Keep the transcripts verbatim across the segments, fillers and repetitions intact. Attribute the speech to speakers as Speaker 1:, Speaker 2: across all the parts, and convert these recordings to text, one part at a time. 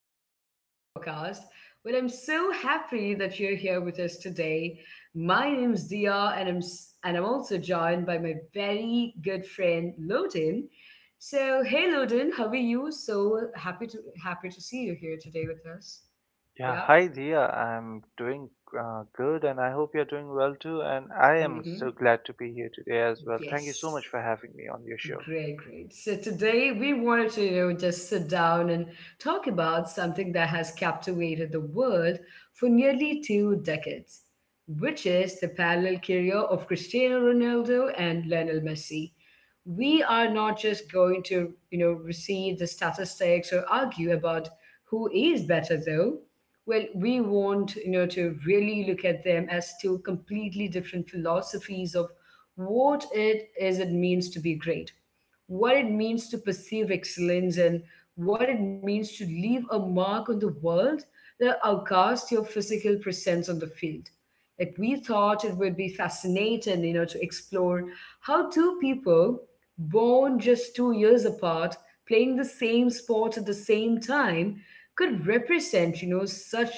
Speaker 1: welcome to our podcast. Well, I'm so happy that you're here with us today. My name's Dia, and I'm s- and I'm also joined by my very good friend Loden. So, hey Loden, how are you? So happy to happy to see you here today with us.
Speaker 2: Yeah,
Speaker 1: Yeah.
Speaker 2: hi Dia. I'm doing uh, good, and I hope you're doing well too. And I am
Speaker 1: hmm
Speaker 2: so glad to be here today as well. Thank you so much
Speaker 1: Yes.
Speaker 2: for having me on your show.
Speaker 1: Great, great. So today we wanted to, you know, just sit down and talk about something that has captivated the world for nearly two decades, which is the parallel career of Cristiano Ronaldo and Lionel Messi. We are not just going to, you know, receive the statistics or argue about who is better though. Well, we want, you know, to really look at them as two completely different philosophies of what it is it means to be great, what it means to perceive excellence, and what it means to leave a mark on the world that outcasts your physical presence on the field. Like, we thought it would be fascinating, you know, to explore how two people born just two years apart, playing the same sport at the same time, could represent, you know, such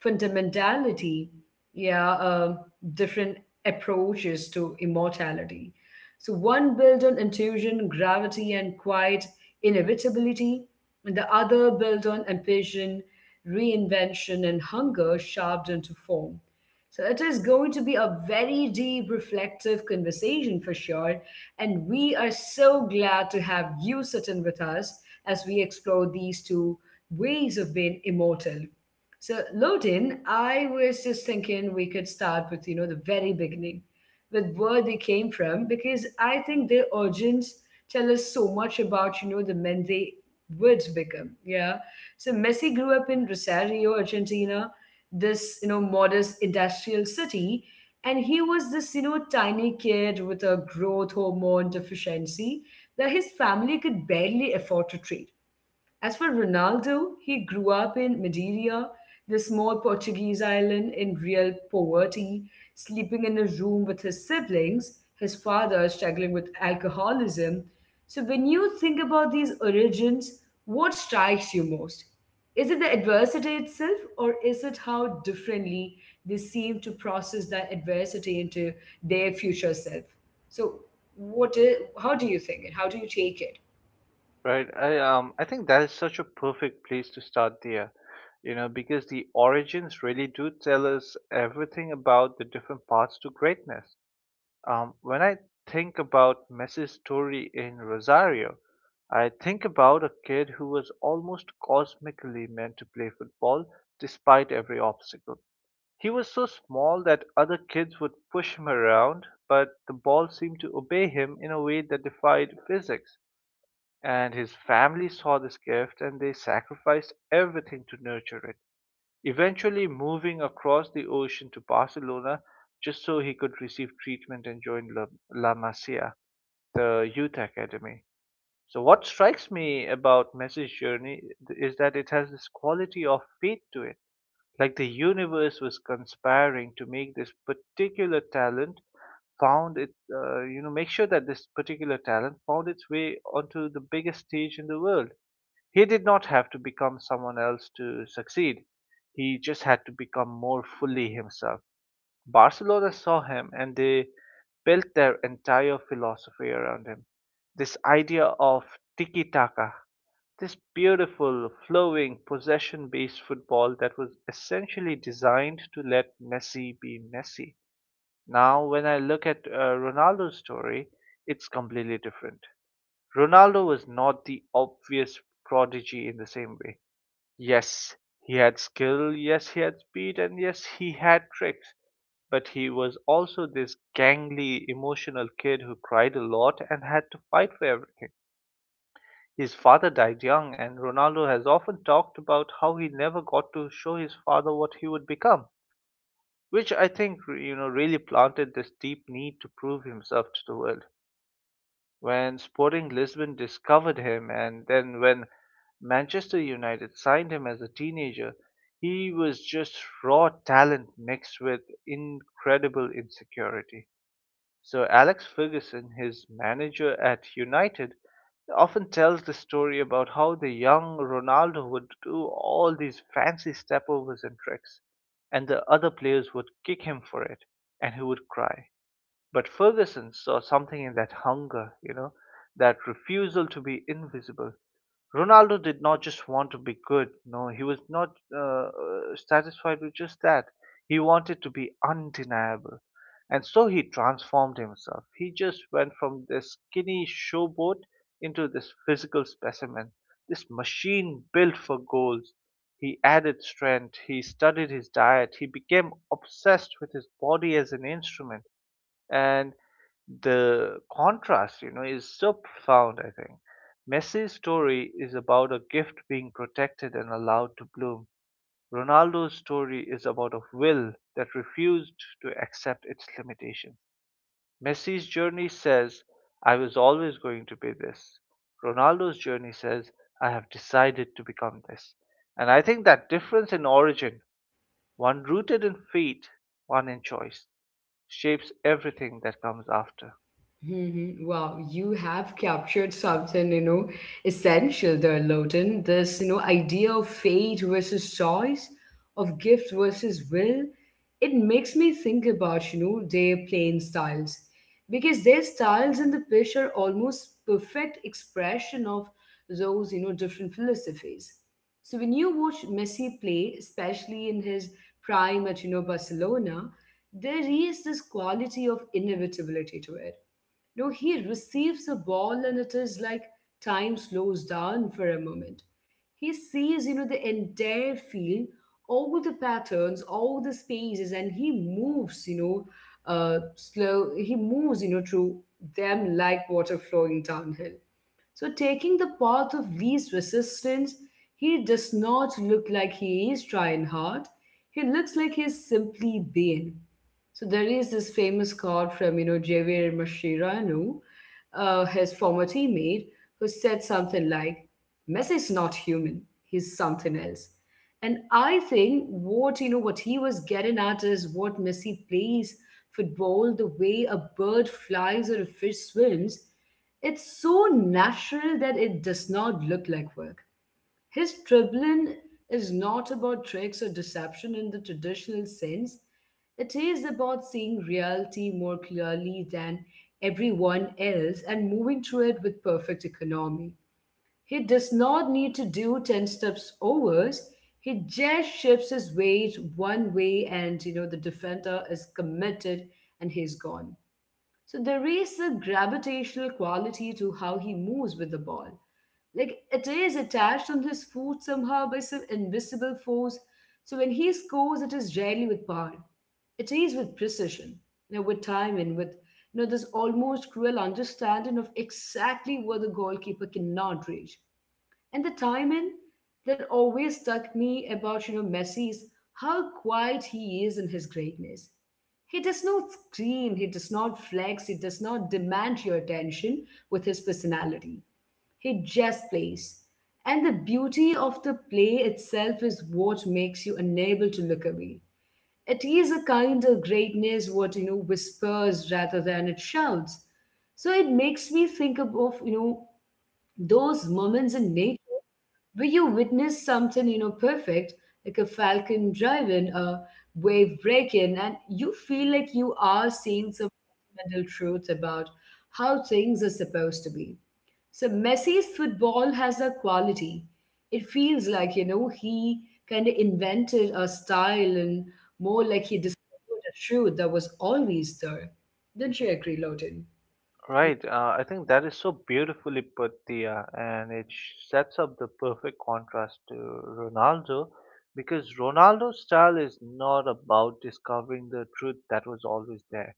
Speaker 1: fundamentality, yeah, um, different approaches to immortality. So, one built on intuition, gravity, and quiet inevitability, and the other built on ambition, reinvention, and hunger sharpened into form. So it is going to be a very deep, reflective conversation for sure. And we are so glad to have you sitting with us as we explore these two ways of being immortal. So loading, I was just thinking we could start with, you know, the very beginning, with where they came from, because I think their origins tell us so much about, you know, the men they would become. Yeah. So Messi grew up in Rosario, Argentina, this, you know, modest industrial city. And he was this, you know, tiny kid with a growth hormone deficiency that his family could barely afford to treat. As for Ronaldo, he grew up in Madeira, the small Portuguese island, in real poverty, sleeping in a room with his siblings, his father struggling with alcoholism. So, when you think about these origins, what strikes you most? Is it the adversity itself, or is it how differently they seem to process that adversity into their future self? So, what is, how do you think it? How do you take it?
Speaker 2: Right. I um I think that is such a perfect place to start, Dia. You know, because the origins really do tell us everything about the different paths to greatness. Um, when I think about Messi's story in Rosario, I think about a kid who was almost cosmically meant to play football despite every obstacle. He was so small that other kids would push him around, but the ball seemed to obey him in a way that defied physics. And his family saw this gift, and they sacrificed everything to nurture it, eventually moving across the ocean to Barcelona just so he could receive treatment and join La, La Masia, the youth academy. So, what strikes me about Messi's journey is that it has this quality of fate to it. Like the universe was conspiring to make this particular talent found it, uh, you know, make sure that this particular talent found its way onto the biggest stage in the world. He did not have to become someone else to succeed. He just had to become more fully himself. Barcelona saw him, and they built their entire philosophy around him. This idea of tiki taka, this beautiful, flowing, possession based football that was essentially designed to let Messi be Messi. Now, when I look at uh, Ronaldo's story, it's completely different. Ronaldo was not the obvious prodigy in the same way. Yes, he had skill, yes, he had speed, and yes, he had tricks. But he was also this gangly, emotional kid who cried a lot and had to fight for everything. His father died young, and Ronaldo has often talked about how he never got to show his father what he would become, which I think, you know, really planted this deep need to prove himself to the world when Sporting Lisbon discovered him, and then when Manchester United signed him as a teenager, he was just raw talent mixed with incredible insecurity. So Alex Ferguson, his manager at United, often tells the story about how the young Ronaldo would do all these fancy stepovers and tricks, and the other players would kick him for it, and he would cry. But Ferguson saw something in that hunger, you know, that refusal to be invisible. Ronaldo did not just want to be good. No, he was not uh, uh, satisfied with just that. He wanted to be undeniable. And so he transformed himself. He just went from this skinny showboat into this physical specimen, this machine built for goals. He added strength, he studied his diet, he became obsessed with his body as an instrument, and the contrast, you know, is so profound, I think. Messi's story is about a gift being protected and allowed to bloom. Ronaldo's story is about a will that refused to accept its limitations. Messi's journey says, I was always going to be this. Ronaldo's journey says, I have decided to become this. And I think that difference in origin, one rooted in fate, one in choice, shapes everything that comes after.
Speaker 1: Mhm. Wow, you have captured something, you know, essential there, Loden. This, you know, idea of fate versus choice, of gift versus will, it makes me think about, you know, their playing styles. Because their styles in the pitch are almost perfect expression of those, you know, different philosophies. So when you watch Messi play, especially in his prime at, you know, Barcelona, there is this quality of inevitability to it. No, he receives a ball and it is like time slows down for a moment. He sees, you know, the entire field, all the patterns, all the spaces, and he moves, you know, uh, slow. He moves, you know, through them like water flowing downhill. So, taking the path of least resistance, he does not look like he is trying hard. He looks like he's simply being. So there is this famous quote from you know Javier Mascherano, uh, his former teammate, who said something like, "Messi is not human; he's something else." And I think what you know what he was getting at is what Messi plays football the way a bird flies or a fish swims. It's so natural that it does not look like work. His dribbling is not about tricks or deception in the traditional sense. It is about seeing reality more clearly than everyone else and moving through it with perfect economy. He does not need to do ten steps overs. He just shifts his weight one way and you know the defender is committed and he's gone. So there is a gravitational quality to how he moves with the ball. Like, it is attached on his foot somehow by some invisible force. So when he scores, it is rarely with power. It is with precision, you know, with timing, with you know this almost cruel understanding of exactly where the goalkeeper cannot reach. And the timing that always struck me about, you know, Messi is how quiet he is in his greatness. He does not scream, he does not flex, he does not demand your attention with his personality. He just plays. And the beauty of the play itself is what makes you unable to look away. It is a kind of greatness what you know whispers rather than it shouts. So it makes me think of, of, you know those moments in nature where you witness something, you know, perfect, like a falcon driving, a wave breaking, and you feel like you are seeing some fundamental truth about how things are supposed to be. So Messi's football has that quality. It feels like, you know, he kind of invented a style, and more like he discovered a truth that was always there. Don't you agree, Loden?
Speaker 2: Right. Uh, I think that is so beautifully put, Dia, and it sh- sets up the perfect contrast to Ronaldo, because Ronaldo's style is not about discovering the truth that was always there.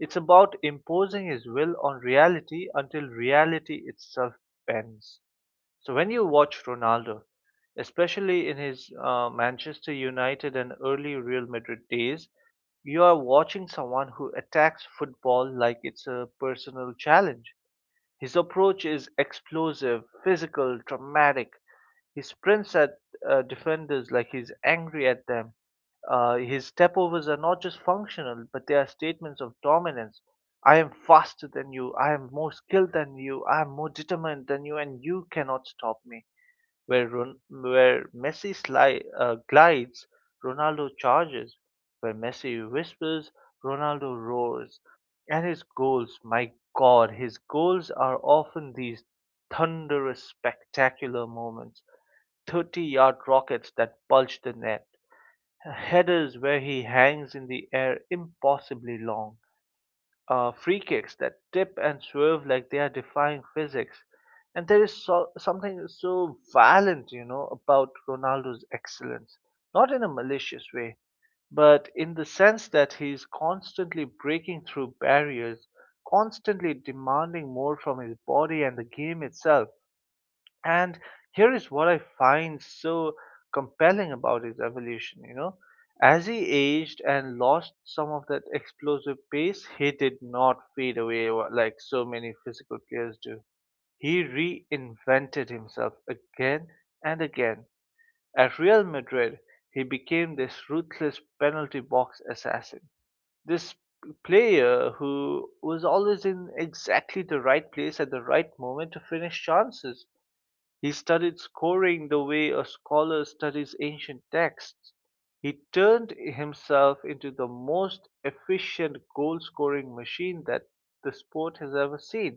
Speaker 2: It's about imposing his will on reality until reality itself bends. So when you watch Ronaldo, especially in his uh, Manchester United and early Real Madrid days, you are watching someone who attacks football like it's a personal challenge. His approach is explosive, physical, dramatic. He sprints at uh, defenders like he's angry at them. Uh, his stepovers are not just functional, but they are statements of dominance. I am faster than you. I am more skilled than you. I am more determined than you, and you cannot stop me. Where Ron- where Messi sli- uh, glides, Ronaldo charges. Where Messi whispers, Ronaldo roars. And his goals, my God, his goals are often these thunderous, spectacular moments. thirty yard rockets that bulge the net. Headers where he hangs in the air impossibly long, uh, free kicks that tip and swerve like they are defying physics. And there is so, something so violent, you know, about Ronaldo's excellence. Not in a malicious way, but in the sense that he is constantly breaking through barriers, constantly demanding more from his body and the game itself. And here is what I find so compelling about his evolution, you know. As he aged and lost some of that explosive pace, he did not fade away wa- like so many physical players do. He reinvented himself again and again. At Real Madrid, he became this ruthless penalty box assassin. This player who was always in exactly the right place at the right moment to finish chances. He studied scoring the way a scholar studies ancient texts. He turned himself into the most efficient goal scoring machine that the sport has ever seen.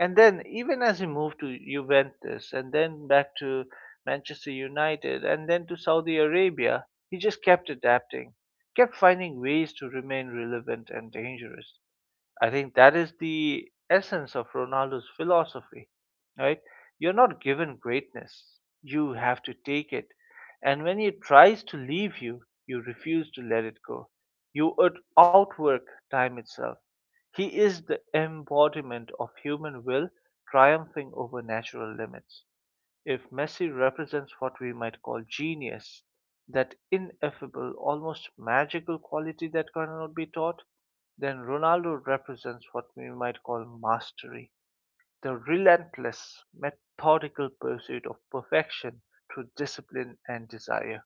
Speaker 2: And then, even as he moved to Juventus and then back to Manchester United and then to Saudi Arabia, he just kept adapting, kept finding ways to remain relevant and dangerous. I think that is the essence of Ronaldo's philosophy, right? You're not given greatness, you have to take it. And when it tries to leave you, you refuse to let it go. You out- outwork time itself. He is the embodiment of human will triumphing over natural limits. If Messi represents what we might call genius, that ineffable, almost magical quality that cannot be taught, then Ronaldo represents what we might call mastery, the relentless, methodical pursuit of perfection through discipline and desire.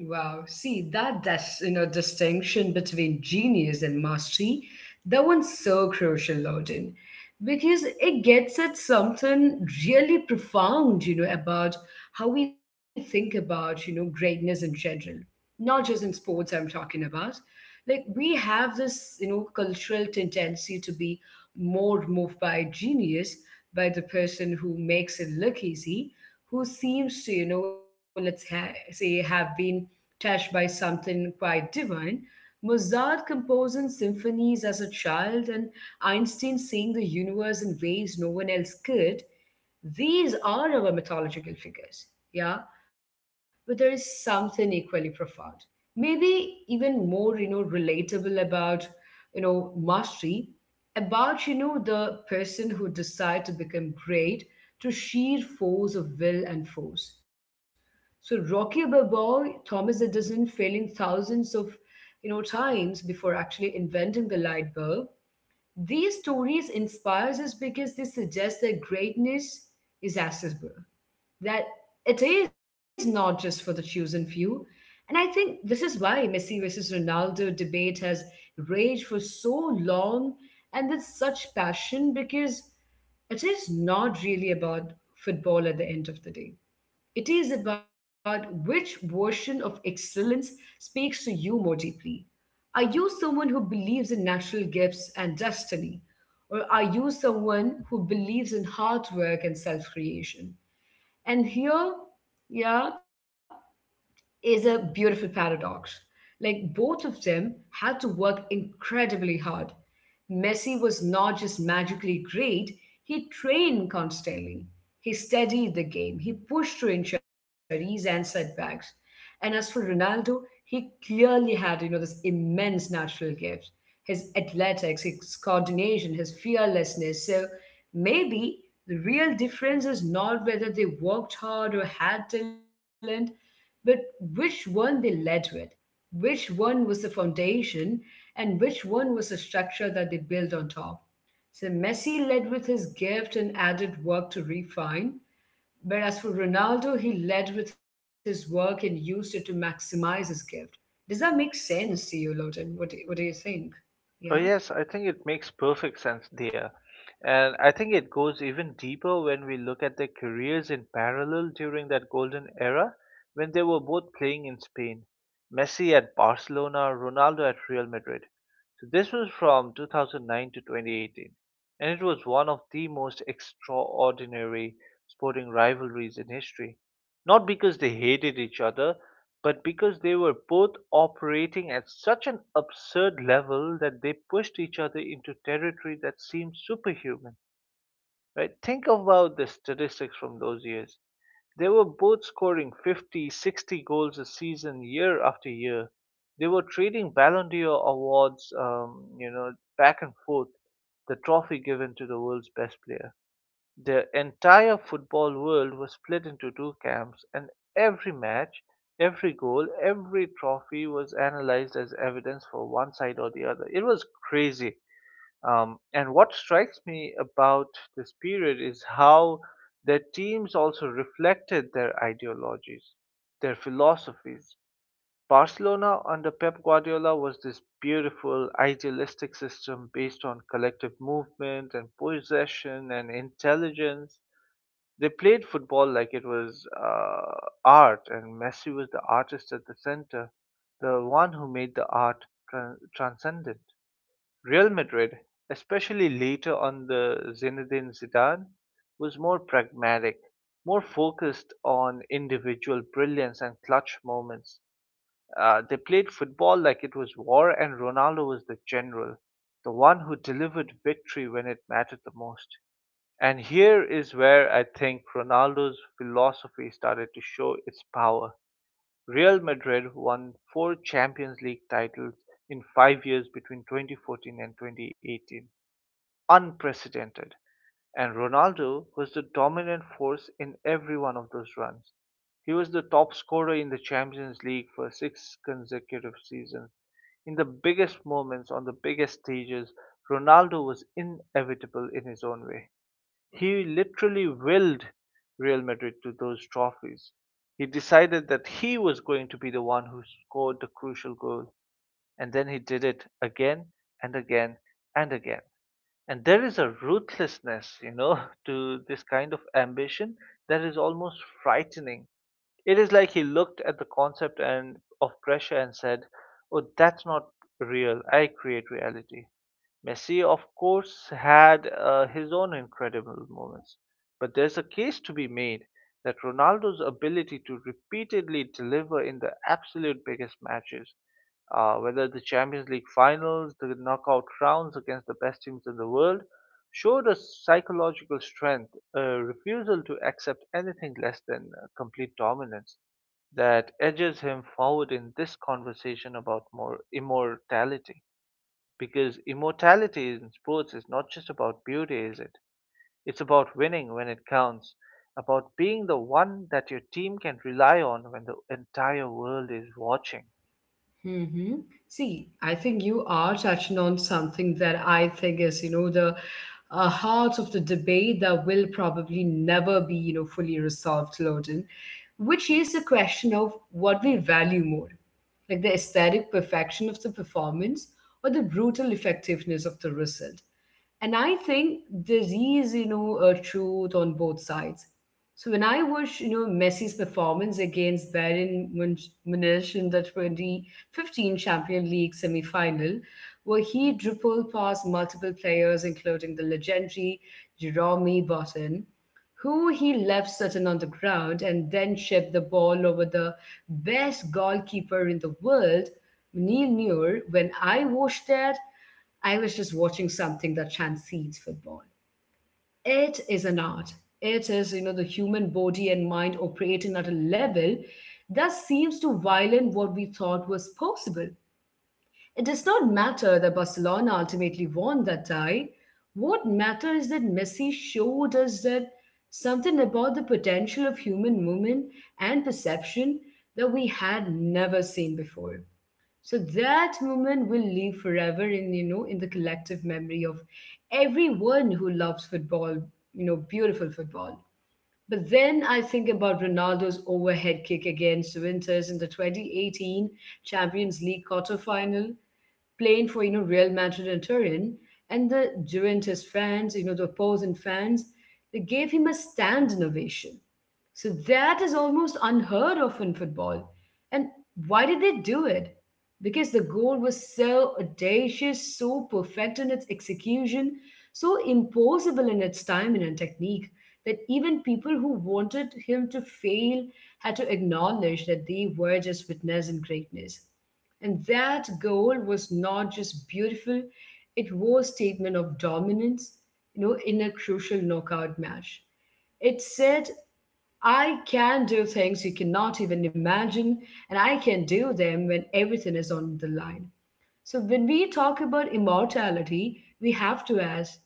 Speaker 1: Wow, see, that dis- you know distinction between genius and mastery, that one's so crucial, Loden, because it gets at something really profound, you know, about how we think about you know greatness in general, not just in sports. I'm talking about, like, we have this you know cultural tendency to be more moved by genius, by the person who makes it look easy, who seems to, you know, let's ha- say, have been touched by something quite divine. Mozart composing symphonies as a child, and Einstein seeing the universe in ways no one else could. These are our mythological figures, yeah? But there is something equally profound, maybe even more you know relatable, about you know mastery, about you know the person who decide to become great, to sheer force of will and force. So Rocky Balboa, Thomas Edison failing thousands of, you know times before actually inventing the light bulb, these stories inspires us because they suggest that greatness is accessible, that it is not just for the chosen few. And I think this is why Messi versus Ronaldo debate has raged for so long and with such passion, because it is not really about football at the end of the day. It is about which version of excellence speaks to you more deeply. Are you someone who believes in natural gifts and destiny? Or are you someone who believes in hard work and self creation? And here, yeah, is a beautiful paradox. Like, both of them had to work incredibly hard. Messi was not just magically great, he trained constantly. He studied the game, he pushed through injuries and setbacks. And as for Ronaldo, he clearly had, you know, this immense natural gift, his athletics, his coordination, his fearlessness. So maybe the real difference is not whether they worked hard or had talent, but which one they led with, which one was the foundation, and which one was the structure that they built on top. So Messi led with his gift and added work to refine. But as for Ronaldo, he led with his work and used it to maximize his gift. Does that make sense to you, Loden? What do, what do you think?
Speaker 2: Oh,
Speaker 1: Yeah.
Speaker 2: yes, I think it makes perfect sense there. And I think it goes even deeper when we look at their careers in parallel during that golden era when they were both playing in Spain. Messi at Barcelona, Ronaldo at Real Madrid. So this was from two thousand nine to twenty eighteen, and it was one of the most extraordinary sporting rivalries in history. Not because they hated each other, but because they were both operating at such an absurd level that they pushed each other into territory that seemed superhuman. Right? Think about the statistics from those years. They were both scoring fifty, sixty goals a season year after year. They were trading Ballon d'Or awards, um, you know, back and forth, the trophy given to the world's best player. The entire football world was split into two camps, and every match, every goal, every trophy was analyzed as evidence for one side or the other. It was crazy. Um, and what strikes me about this period is how their teams also reflected their ideologies, their philosophies. Barcelona under Pep Guardiola was this beautiful, idealistic system based on collective movement and possession and intelligence. They played football like it was uh, art, and Messi was the artist at the center, the one who made the art tran transcendent. Real Madrid, especially later on the Zinedine Zidane, was more pragmatic, more focused on individual brilliance and clutch moments. Uh, they played football like it was war, and Ronaldo was the general, the one who delivered victory when it mattered the most. And here is where I think Ronaldo's philosophy started to show its power. Real Madrid won four Champions League titles in five years between twenty fourteen and twenty eighteen, unprecedented. And Ronaldo was the dominant force in every one of those runs. He was the top scorer in the Champions League for six consecutive seasons. In the biggest moments, on the biggest stages, Ronaldo was inevitable in his own way. He literally willed Real Madrid to those trophies. He decided that he was going to be the one who scored the crucial goal, and then he did it again and again and again. And there is a ruthlessness, you know, to this kind of ambition that is almost frightening. It is like he looked at the concept and of pressure and said, oh, that's not real. I create reality. Messi, of course, had uh, his own incredible moments, but there's a case to be made that Ronaldo's ability to repeatedly deliver in the absolute biggest matches, uh, whether the Champions League finals, the knockout rounds against the best teams in the world, showed a psychological strength, a refusal to accept anything less than uh, complete dominance, that edges him forward in this conversation about more immortality, because immortality in sports is not just about beauty, is it? It's about winning when it counts, about being the one that your team can rely on when the entire world is watching.
Speaker 1: Mm-hmm. See, I think you are touching on something that I think is, you know, the uh, heart of the debate that will probably never be, you know, fully resolved, Loden, which is the question of what we value more, like the aesthetic perfection of the performance or the brutal effectiveness of the result. And I think there is, you know, a truth on both sides. So when I watched, you know, Messi's performance against Bayern Munch- Munich in the twenty fifteen Champions League semi-final, where he dribbled past multiple players, including the legendary Jerome Boateng, who he left Sutton on the ground and then shipped the ball over the best goalkeeper in the world, Neil Muir, when I watched that, I was just watching something that transcends football. It is an art. It is, you know, the human body and mind operating at a level that seems to violate what we thought was possible. It does not matter that Barcelona ultimately won that tie. What matters is that Messi showed us that something about the potential of human movement and perception that we had never seen before. So that moment will live forever in you know in the collective memory of everyone who loves football, you know, beautiful football. But then I think about Ronaldo's overhead kick against Winters in the twenty eighteen Champions League quarterfinal, playing for you know Real Madrid and Turin, and the Juventus fans, you know the opposing fans, they gave him a stand innovation. So that is almost unheard of in football. And why did they do it? Because the goal was so audacious, so perfect in its execution, so impossible in its timing and technique that even people who wanted him to fail had to acknowledge that they were just witnessing greatness. And that goal was not just beautiful, it was statement of dominance, you know, in a crucial knockout match. It said I can do things you cannot even imagine, and I can do them when everything is on the line. So, when we talk about immortality, we have to ask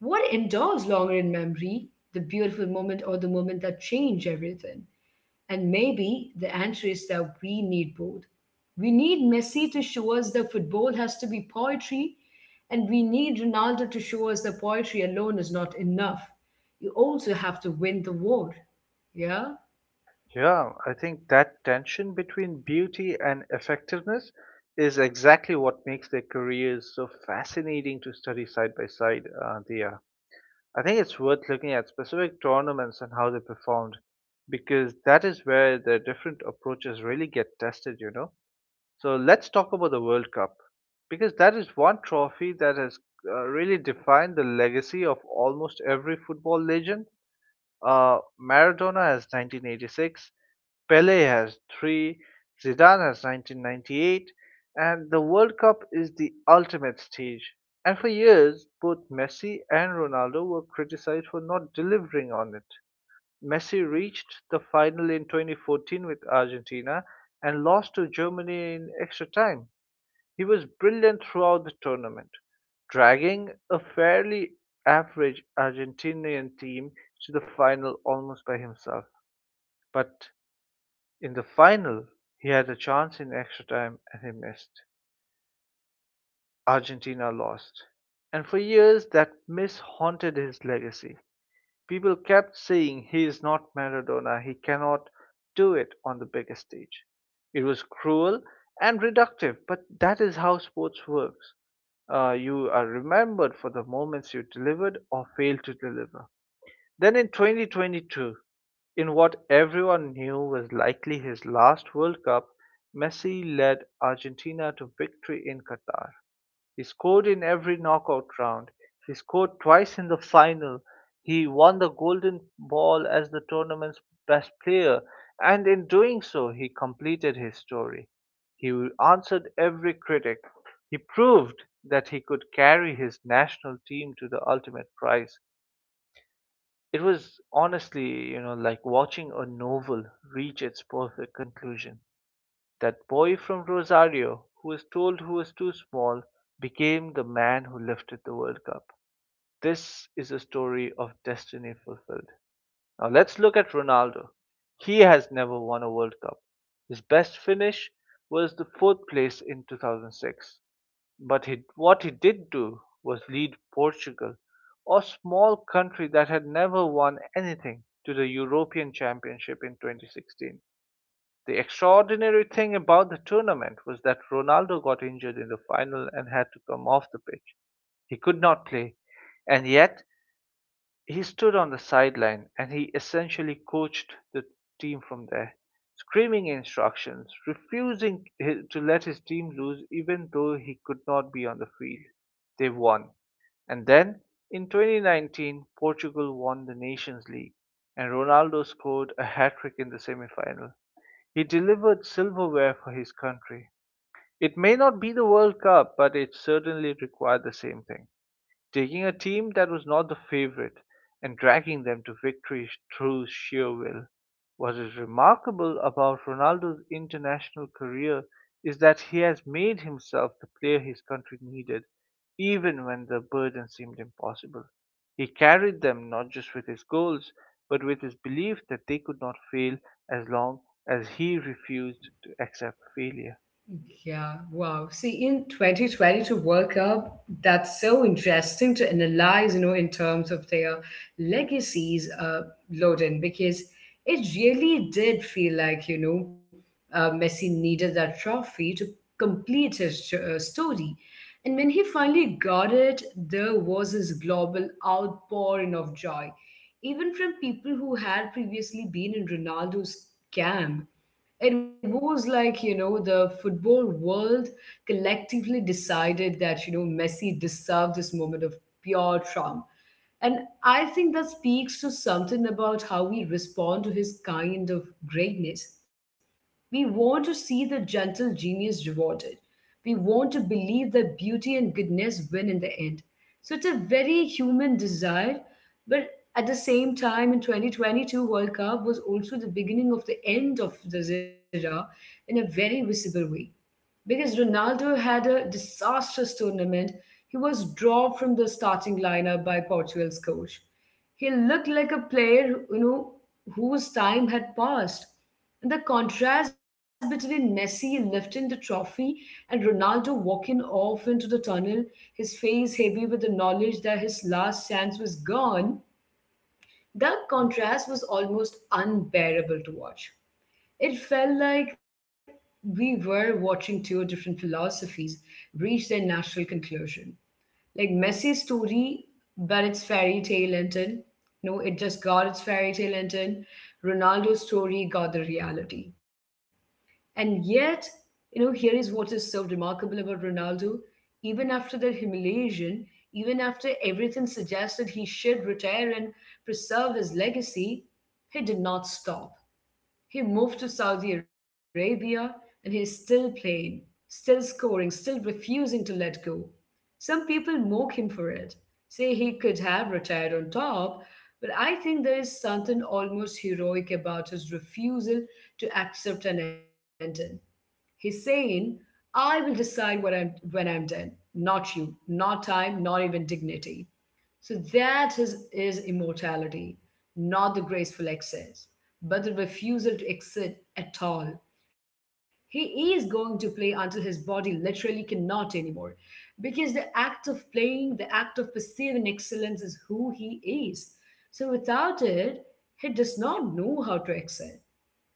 Speaker 1: what endures longer in memory, the beautiful moment or the moment that changed everything? And maybe the answer is that we need both. We need Messi to show us that football has to be poetry, and we need Ronaldo to show us that poetry alone is not enough. You also have to win the war. Yeah?
Speaker 2: Yeah, I think that tension between beauty and effectiveness is exactly what makes their careers so fascinating to study side by side, uh, Dia. I think it's worth looking at specific tournaments and how they performed because that is where the different approaches really get tested, you know. So let's talk about the World Cup because that is one trophy that has uh, really defined the legacy of almost every football legend. Uh, Maradona has nineteen eighty-six, Pele has three, Zidane has nineteen ninety-eight, and the World Cup is the ultimate stage. And for years, both Messi and Ronaldo were criticized for not delivering on it. Messi reached the final in twenty fourteen with Argentina and lost to Germany in extra time. He was brilliant throughout the tournament, dragging a fairly average Argentinian team to the final almost by himself. But in the final, he had a chance in extra time and he missed. Argentina lost. And for years, that miss haunted his legacy. People kept saying he is not Maradona, he cannot do it on the biggest stage. It was cruel and reductive, but that is how sports works. Uh, you are remembered for the moments you delivered or failed to deliver. Then in twenty twenty-two, in what everyone knew was likely his last World Cup, Messi led Argentina to victory in Qatar. He scored in every knockout round. He scored twice in the final. He won the Golden Ball as the tournament's best player, and in doing so, he completed his story. He answered every critic. He proved that he could carry his national team to the ultimate prize. It was, honestly, you know, like watching a novel reach its perfect conclusion. That boy from Rosario who was told he was too small became the man who lifted the World Cup. This is a story of destiny fulfilled. Now let's look at Ronaldo. He has never won a World Cup. His best finish was the fourth place in two thousand six. But he, what he did do was lead Portugal, a small country that had never won anything, to the European Championship in twenty sixteen. The extraordinary thing about the tournament was that Ronaldo got injured in the final and had to come off the pitch. He could not play, and yet he stood on the sideline and he essentially coached the team from there, screaming instructions, refusing to let his team lose even though he could not be on the field. They won. And then in twenty nineteen, Portugal won the Nations League and Ronaldo scored a hat trick in the semi-final. He delivered silverware for his country. It may not be the World Cup, but it certainly required the same thing: taking a team that was not the favorite and dragging them to victory through sheer will. What is remarkable about Ronaldo's international career is that he has made himself the player his country needed, even when the burden seemed impossible. He carried them not just with his goals, but with his belief that they could not fail as long as he refused to accept failure.
Speaker 1: Yeah, wow. See, in twenty twenty-two World Cup, that's so interesting to analyze, you know, in terms of their legacies, uh, Loden, because it really did feel like, you know, uh, Messi needed that trophy to complete his uh, story. And when he finally got it, there was this global outpouring of joy, even from people who had previously been in Ronaldo's camp. It was like, you know, the football world collectively decided that, you know, Messi deserved this moment of pure charm. And I think that speaks to something about how we respond to his kind of greatness. We want to see the gentle genius rewarded. We want to believe that beauty and goodness win in the end. So it's a very human desire, but at the same time, in twenty twenty-two World Cup was also the beginning of the end of the era in a very visible way because Ronaldo had a disastrous tournament. He was dropped from the starting lineup by Portugal's coach. He looked like a player, you know, whose time had passed. And the contrast between Messi lifting the trophy and Ronaldo walking off into the tunnel, his face heavy with the knowledge that his last chance was gone, that contrast was almost unbearable to watch. It felt like we were watching two different philosophies reach their natural conclusion. Like Messi's story, but its fairy tale ended. No, it just got its fairy tale ended. Ronaldo's story got the reality. And yet, you know, here is what is so remarkable about Ronaldo. Even after that humiliation, even after everything suggested he should retire and preserve his legacy, he did not stop. He moved to Saudi Arabia and he's still playing, still scoring, still refusing to let go. Some people mock him for it, say he could have retired on top, but I think there is something almost heroic about his refusal to accept an ending. He's saying, I will decide what I'm when I'm done. Not you, not time, not even dignity. So that is, is immortality, not the graceful excess, but the refusal to exit at all. He is going to play until his body literally cannot anymore. Because the act of playing, the act of perceiving excellence is who he is. So without it, he does not know how to excel.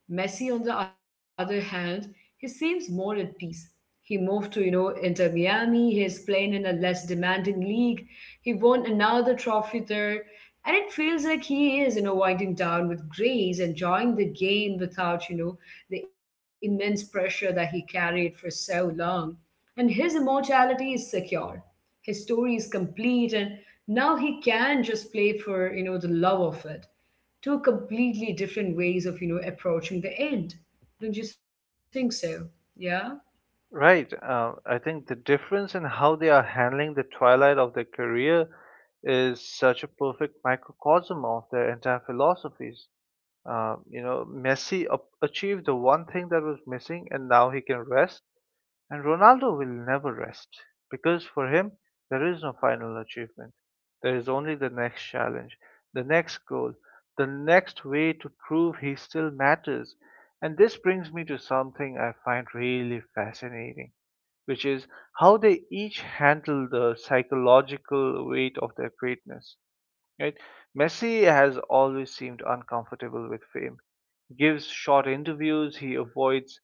Speaker 1: Messi, on the other hand, he seems more at peace. He moved to, you know, Inter Miami. He is playing in a less demanding league. He won another trophy there. And it feels like he is, you know, winding down with grace, enjoying the game without, you know, the immense pressure that he carried for so long. And his immortality is secure. His story is complete, and now he can just play for, you know, the love of it. Two completely different ways of you know approaching the end, don't you think so? Yeah.
Speaker 2: Right. Uh, I think the difference in how they are handling the twilight of their career is such a perfect microcosm of their entire philosophies. Uh, you know, Messi ap- achieved the one thing that was missing, and now he can rest. And Ronaldo will never rest because for him, there is no final achievement. There is only the next challenge, the next goal, the next way to prove he still matters. And this brings me to something I find really fascinating, which is how they each handle the psychological weight of their greatness. Right? Messi has always seemed uncomfortable with fame. He gives short interviews, he avoids,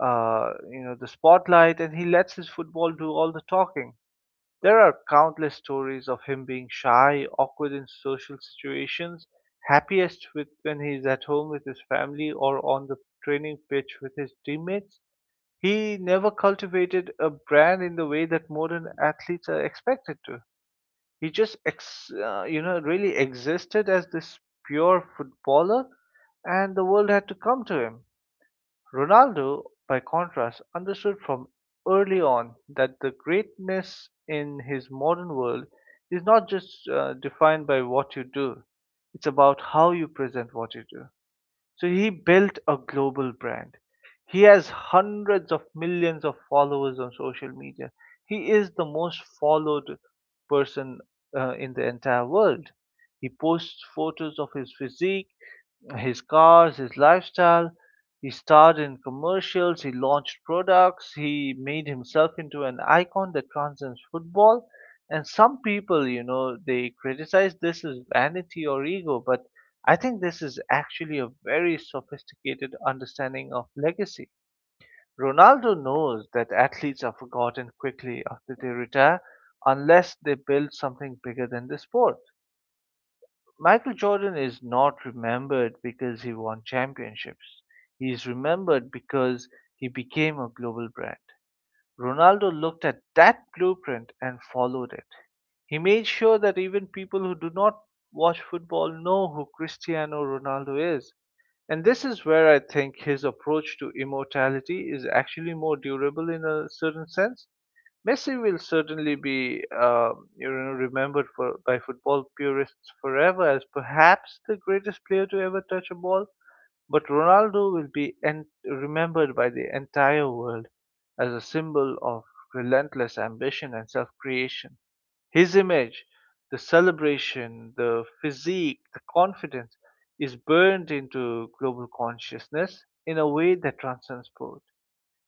Speaker 2: uh, you know, the spotlight, and he lets his football do all the talking. There are countless stories of him being shy, awkward in social situations, happiest with when he is at home with his family or on the training pitch with his teammates. He never cultivated a brand in the way that modern athletes are expected to. He just ex, uh, you know, really existed as this pure footballer, and the world had to come to him. Ronaldo, by contrast, understood from early on that the greatness in his modern world is not just, uh, defined by what you do; it's about how you present what you do. So he built a global brand. He has hundreds of millions of followers on social media. He is the most followed person uh, in the entire world. He posts photos of his physique, his cars, his lifestyle. He starred in commercials, he launched products, he made himself into an icon that transcends football. And some people, you know, they criticize this as vanity or ego, but I think this is actually a very sophisticated understanding of legacy. Ronaldo knows that athletes are forgotten quickly after they retire unless they build something bigger than the sport. Michael Jordan is not remembered because he won championships. He is remembered because he became a global brand. Ronaldo looked at that blueprint and followed it. He made sure that even people who do not watch football know who Cristiano Ronaldo is. And this is where I think his approach to immortality is actually more durable in a certain sense. Messi will certainly be, um, you know, remembered for by football purists forever as perhaps the greatest player to ever touch a ball, but Ronaldo will be en- remembered by the entire world as a symbol of relentless ambition and self-creation. His image, the celebration, the physique, the confidence is burned into global consciousness in a way that transcends sport.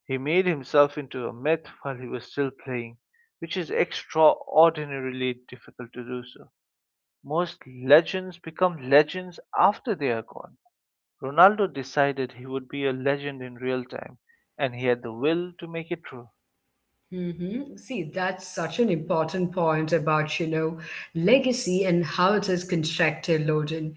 Speaker 2: He made himself into a myth while he was still playing, which is extraordinarily difficult to do so. Most legends become legends after they are gone. Ronaldo decided he would be a legend in real time, and he had the will to make it true.
Speaker 1: Hmm. See, that's such an important point about you know legacy and how it is constructed, Loden.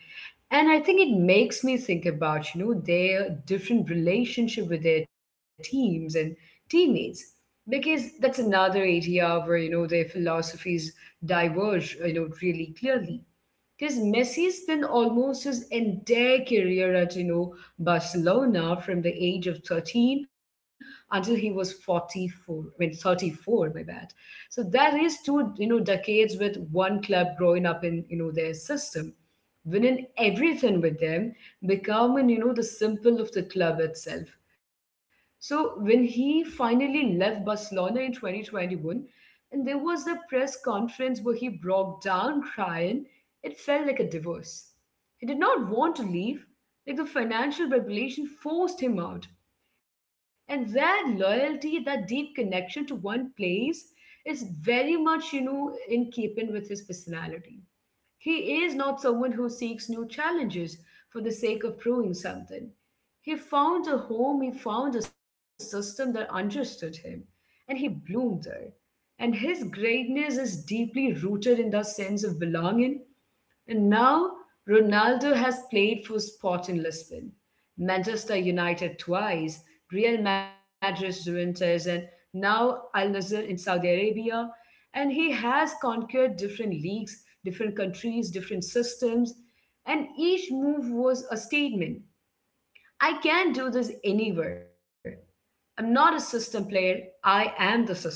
Speaker 1: And I think it makes me think about you know their different relationship with their teams and teammates because that's another area where you know their philosophies diverge you know really clearly. Because Messi spent almost his entire career at, you know, Barcelona from the age of thirteen until he was forty-four, when thirty-four, my bad. So that is two, you know, decades with one club growing up in, you know, their system, winning everything with them, becoming, you know, the symbol of the club itself. So when he finally left Barcelona in twenty twenty-one, and there was the press conference where he broke down crying, it felt like a divorce. He did not want to leave, like the financial regulation forced him out. And that loyalty, that deep connection to one place is very much, you know, in keeping with his personality. He is not someone who seeks new challenges for the sake of proving something. He found a home, he found a system that understood him, and he bloomed there. And his greatness is deeply rooted in that sense of belonging. And now Ronaldo has played for Sporting Lisbon, Manchester United twice, Real Madrid, Juventus, and now Al Nassr in Saudi Arabia. And he has conquered different leagues, different countries, different systems, and each move was a statement. I can do this anywhere. I'm not a system player, I am the system.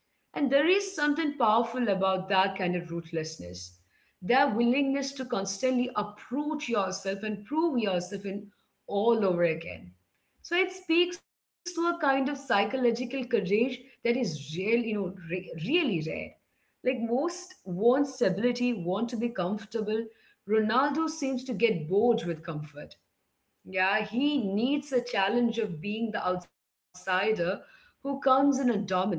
Speaker 1: And there is something powerful about that kind of ruthlessness. Their willingness to constantly uproot yourself and prove yourself in all over again. So it speaks to a kind of psychological courage that is real, you know, re- really rare. Like most want stability, want to be comfortable. Ronaldo seems to get bored with comfort. Yeah, he needs a challenge of being the outsider who comes in and dominates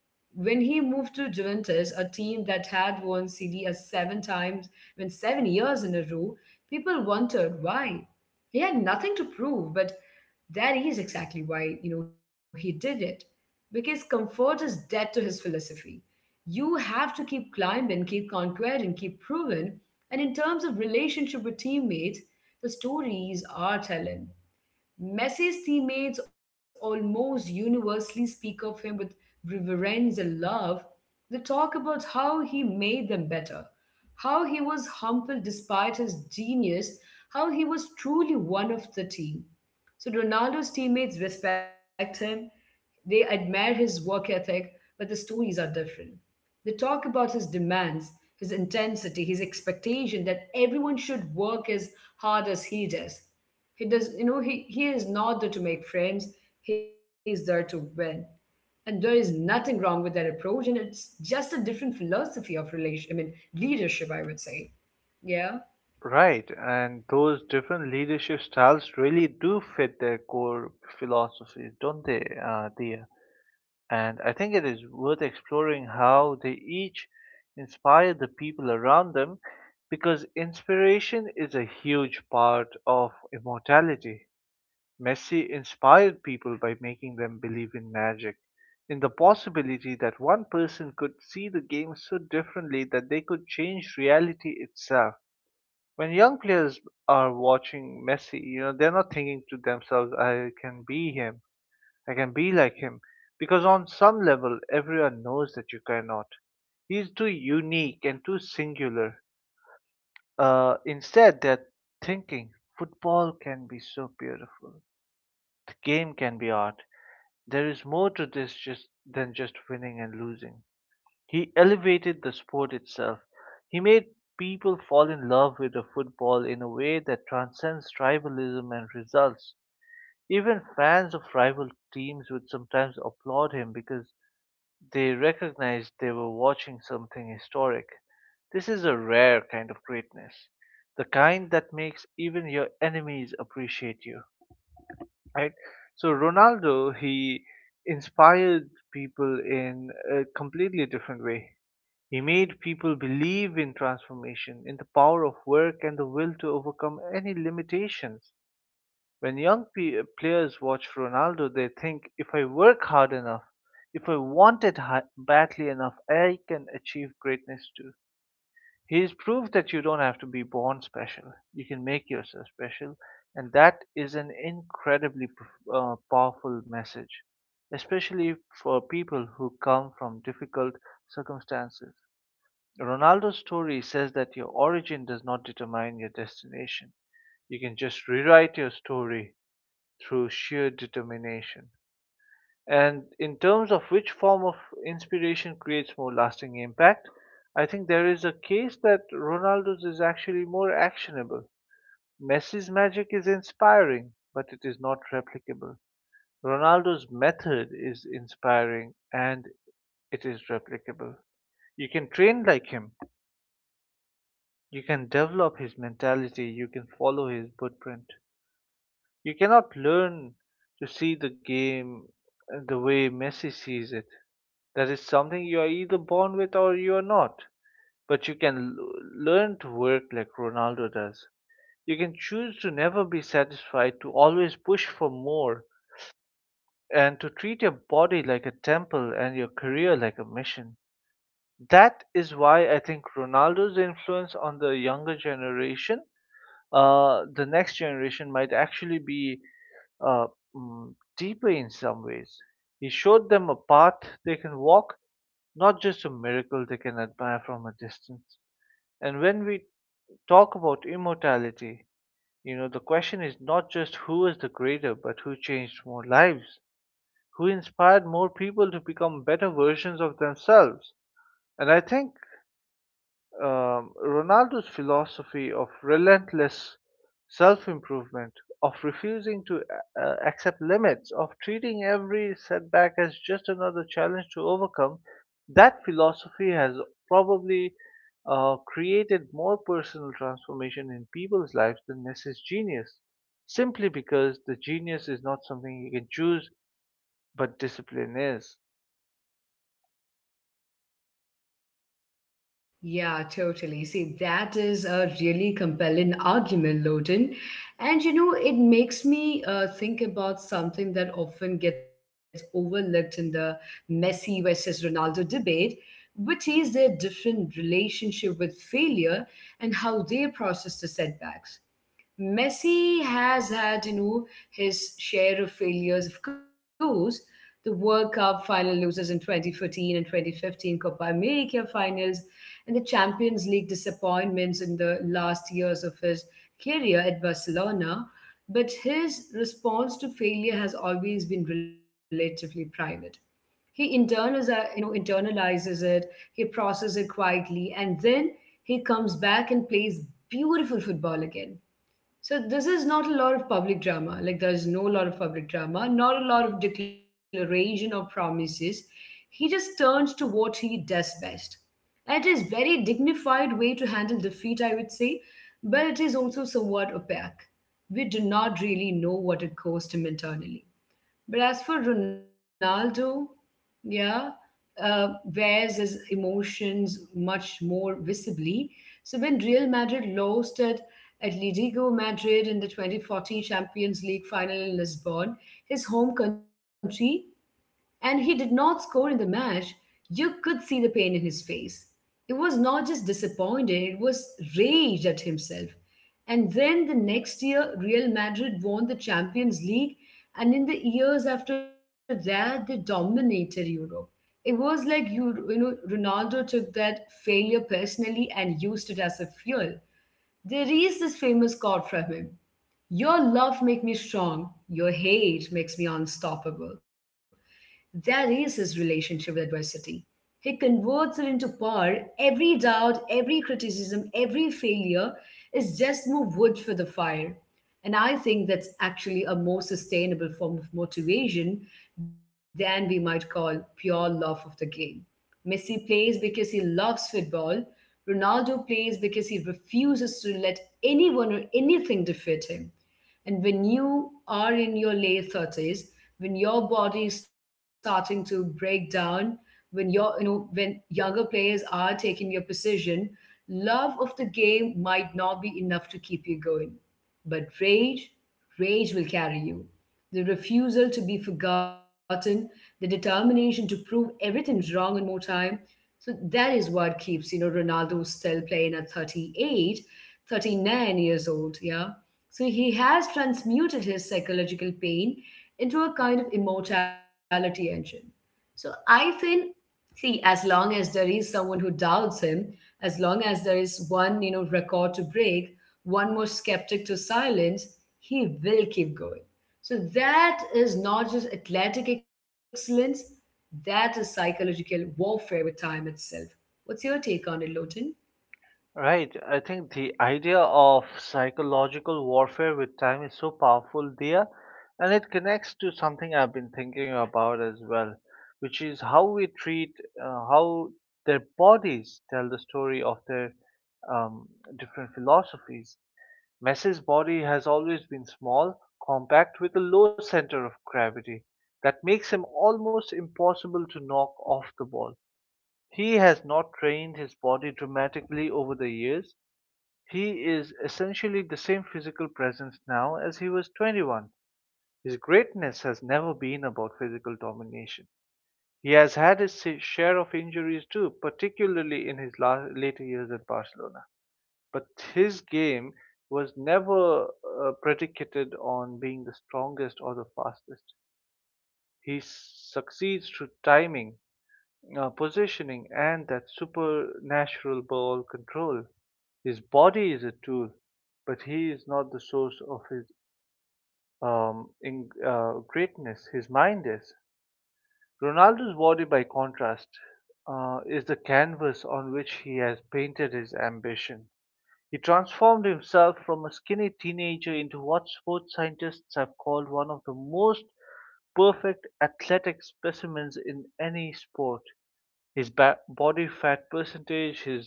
Speaker 1: when he moved to Juventus, a team that had won Serie A seven times, when seven years in a row, people wondered why. He had nothing to prove, but that is exactly why you know he did it, because comfort is dead to his philosophy. You have to keep climbing, keep conquering, keep proving. And in terms of relationship with teammates, the stories are telling. Messi's teammates almost universally speak of him with reverence and love. They talk about how he made them better, how he was humble despite his genius, how he was truly one of the team. So Ronaldo's teammates respect him, they admire his work ethic, but the stories are different. They talk about his demands, his intensity, his expectation that everyone should work as hard as he does. He does, you know, he, he is not there to make friends, he is there to win. And there is nothing wrong with that approach, and it's just a different philosophy of relation, I mean, leadership, I would say. Yeah.
Speaker 2: Right, and those different leadership styles really do fit their core philosophies, don't they, uh, Dia? And I think it is worth exploring how they each inspire the people around them because inspiration is a huge part of immortality. Messi inspired people by making them believe in magic, in the possibility that one person could see the game so differently that they could change reality itself. When young players are watching Messi, you know, they're not thinking to themselves, I can be him. I can be like him, because on some level everyone knows that you cannot. He is too unique and too singular. Uh, instead, they're thinking football can be so beautiful. The game can be art. There is more to this just than just winning and losing. He elevated the sport itself. He made people fall in love with the football in a way that transcends tribalism and results. Even fans of rival teams would sometimes applaud him because they recognized they were watching something historic. This is a rare kind of greatness, the kind that makes even your enemies appreciate you, right? So Ronaldo, he inspired people in a completely different way. He made people believe in transformation, in the power of work and the will to overcome any limitations. When young pe- uh, players watch Ronaldo, they think if I work hard enough, if I want it hi- badly enough, I can achieve greatness too. He's proved that you don't have to be born special. You can make yourself special, and that is an incredibly p- uh, powerful message, especially for people who come from difficult circumstances. Ronaldo's story says that your origin does not determine your destination. You can just rewrite your story through sheer determination. And in terms of which form of inspiration creates more lasting impact, I think there is a case that Ronaldo's is actually more actionable. Messi's magic is inspiring, but it is not replicable. Ronaldo's method is inspiring and it is replicable. You can train like him, you can develop his mentality, you can follow his footprint. You cannot learn to see the game, uh, the way Messi sees it. That is something you are either born with or you are not. But you can l- learn to work like Ronaldo does. You can choose to never be satisfied, to always push for more, and to treat your body like a temple and your career like a mission. That is why I think Ronaldo's influence on the younger generation, uh, the next generation, might actually be uh, mm, deeper in some ways. He showed them a path they can walk, not just a miracle they can admire from a distance. And when we talk about immortality, you know, the question is not just who is the greater, but who changed more lives, who inspired more people to become better versions of themselves. And I think, um, Ronaldo's philosophy of relentless self improvement, of refusing to uh, uh, accept limits, of treating every setback as just another challenge to overcome, that philosophy has probably uh, created more personal transformation in people's lives than Messi's genius, simply because the genius is not something you can choose, but discipline is.
Speaker 1: Yeah, totally. See, that is a really compelling argument, Loden. And you know, it makes me uh, think about something that often gets overlooked in the Messi versus Ronaldo debate, which is their different relationship with failure and how they process the setbacks. Messi has had, you know, his share of failures, of course. The World Cup final losers in twenty fourteen and twenty fifteen Copa America finals, and the Champions League disappointments in the last years of his career at Barcelona. But his response to failure has always been relatively private. He internals uh, you know internalizes it, he processes it quietly, and then he comes back and plays beautiful football again. So this is not a lot of public drama. Like there's no lot of public drama, not a lot of declaration or promises. He just turns to what he does best. And it is very dignified way to handle defeat, I would say, but it is also somewhat opaque. We do not really know what it cost him internally. But as for Ronaldo, yeah, uh, wears his emotions much more visibly. So when Real Madrid lost at Atletico Madrid in the twenty fourteen Champions League final in Lisbon, his home country, and he did not score in the match, you could see the pain in his face. It was not just disappointing, it was rage at himself. And then the next year, Real Madrid won the Champions League, and in the years after that, they dominated Europe. It was like you, you know, Ronaldo took that failure personally and used it as a fuel. There is this famous quote from him: "Your love make me strong, your hate makes me unstoppable." That is his relationship with adversity. He converts it into power. Every doubt, every criticism, every failure is just more wood for the fire. And I think that's actually a more sustainable form of motivation than we might call pure love of the game. Messi plays because he loves football. Ronaldo plays because he refuses to let anyone or anything defeat him. And when you are in your late thirties, when your body is starting to break down, when you're, you know, when younger players are taking your position, love of the game might not be enough to keep you going. But rage, rage will carry you. The refusal to be forgotten, the determination to prove everything's wrong one more time. So that is what keeps, you know, Ronaldo still playing at thirty eight, thirty nine years old, yeah. So he has transmuted his psychological pain into a kind of immortality engine. So I think See, As long as there is someone who doubts him, as long as there is one, you know, record to break, one more skeptic to silence, he will keep going. So that is not just athletic excellence, that is psychological warfare with time itself. What's your take on it, Lotan?
Speaker 2: Right. I think the idea of psychological warfare with time is so powerful there, and it connects to something I've been thinking about as well, which is how we treat uh, how their bodies tell the story of their um, different philosophies. Messi's body has always been small, compact, with a low center of gravity that makes him almost impossible to knock off the ball. He has not trained his body dramatically over the years. He is essentially the same physical presence now as he was twenty-one. His greatness has never been about physical domination. He has had his si-, share of injuries too, particularly in his later years at Barcelona. But his game was never uh, predicated on being the strongest or the fastest. He succeeds through timing, uh, positioning, and that supernatural ball control. His body is a tool, but he is not the source of his um, in, uh, greatness. His mind is. Ronaldo's body, by contrast, uh, is the canvas on which he has painted his ambition. He transformed himself from a skinny teenager into what sports scientists have called one of the most perfect athletic specimens in any sport. His ba- body fat percentage, his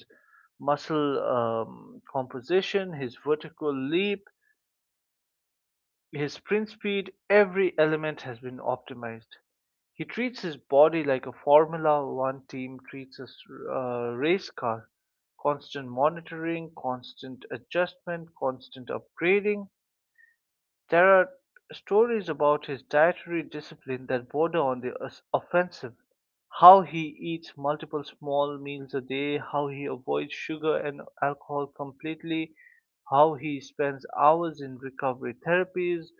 Speaker 2: muscle um, composition, his vertical leap, his sprint speed, every element has been optimized. He treats his body like a Formula One team treats a uh, race car. Constant monitoring, constant adjustment, constant upgrading. There are stories about his dietary discipline that border on the os- offensive. How he eats multiple small meals a day, how he avoids sugar and alcohol completely, how he spends hours in recovery therapies.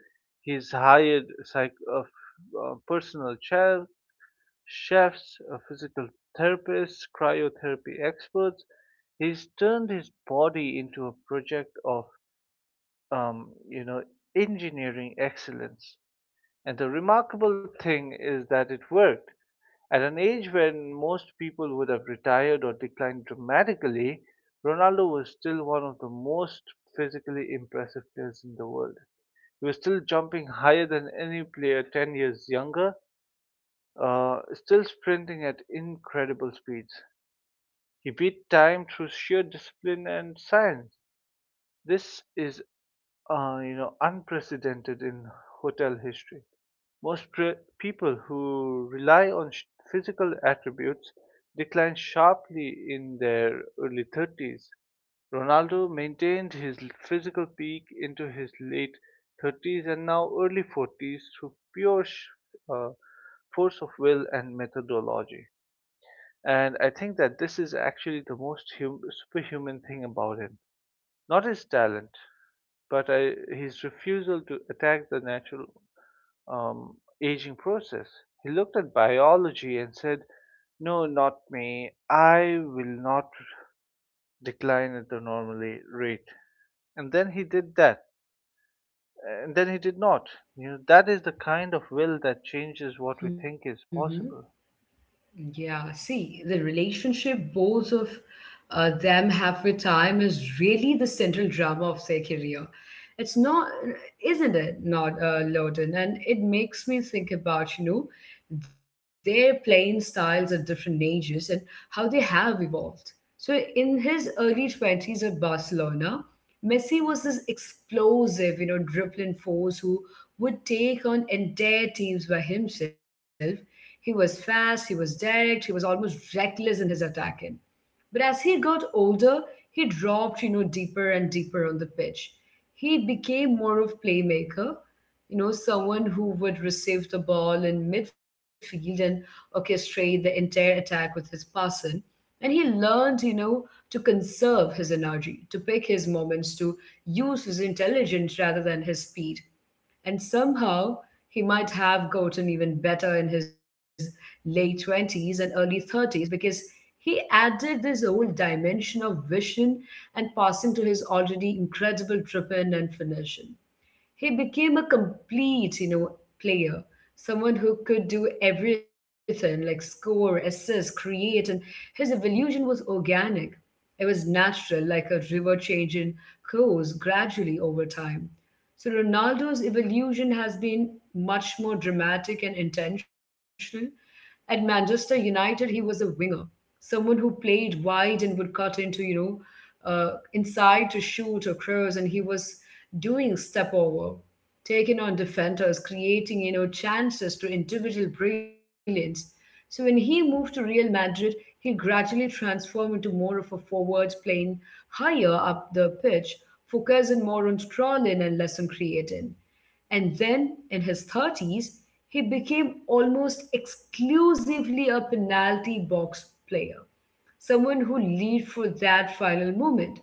Speaker 2: He's hired psych- uh, f- uh, personal chef, chefs, uh, physical therapists, cryotherapy experts. He's turned his body into a project of um, you know, engineering excellence. And the remarkable thing is that it worked. At an age when most people would have retired or declined dramatically, Ronaldo was still one of the most physically impressive players in the world. He was still jumping higher than any player ten years younger, uh, still sprinting at incredible speeds. He beat time through sheer discipline and science. This is uh, you know unprecedented in hotel history. Most pre- people who rely on sh- physical attributes decline sharply in their early thirties. Ronaldo maintained his l- physical peak into his late thirties and now early forties through pure sh- uh, force of will and methodology. And I think that this is actually the most hum- superhuman thing about him. Not his talent, but I, his refusal to attack the natural um, aging process. He looked at biology and said, "No, not me. I will not decline at the normal rate." And then he did that. And then he did not. You know, that is the kind of will that changes what we think is possible.
Speaker 1: Yeah, see, the relationship both of uh, them have with time is really the central drama of their career. It's not, Isn't it, Not uh, Loden? And it makes me think about, you know, their playing styles at different ages and how they have evolved. So in his early twenties at Barcelona, Messi was this explosive, you know, dribbling force who would take on entire teams by himself. He was fast, he was direct, he was almost reckless in his attacking. But as he got older, he dropped, you know, deeper and deeper on the pitch. He became more of playmaker, you know, someone who would receive the ball in midfield and orchestrate the entire attack with his passing. And he learned, you know, to conserve his energy, to pick his moments, to use his intelligence rather than his speed. And somehow he might have gotten even better in his late twenties and early thirties because he added this whole dimension of vision and passing to his already incredible dripping and finishing. He became a complete, you know, player, someone who could do everything like score, assist, create, and his evolution was organic. It was natural, like a river changing course gradually over time. So Ronaldo's evolution has been much more dramatic and intentional. At Manchester United, he was a winger, someone who played wide and would cut into, you know, uh, inside to shoot or cross, and he was doing step over, taking on defenders, creating, you know, chances to individual brilliance. So when he moved to Real Madrid, he gradually transformed into more of a forward playing higher up the pitch, focusing more on trolling and less on creating. And then in his thirties, he became almost exclusively a penalty box player, someone who lived for that final moment,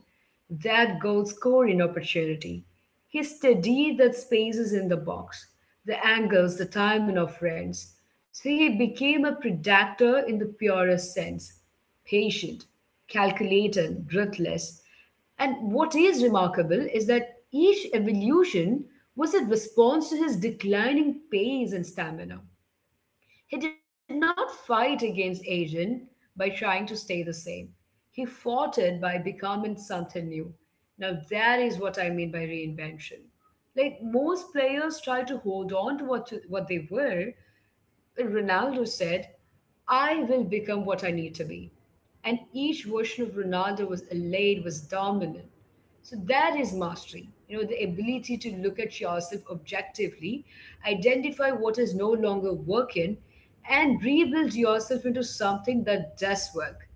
Speaker 1: that goal scoring opportunity. He studied the spaces in the box, the angles, the timing of runs. So he became a predator in the purest sense, patient, calculated, ruthless. And what is remarkable is that each evolution was a response to his declining pace and stamina. He did not fight against aging by trying to stay the same. He fought it by becoming something new. Now, that is what I mean by reinvention. Like, most players try to hold on to what, to what they were. Ronaldo said, I will become what I need to be. And each version of Ronaldo was elate, was dominant. So that is mastery. You know, the ability to look at yourself objectively, identify what is no longer working, and rebuild yourself into something that does work.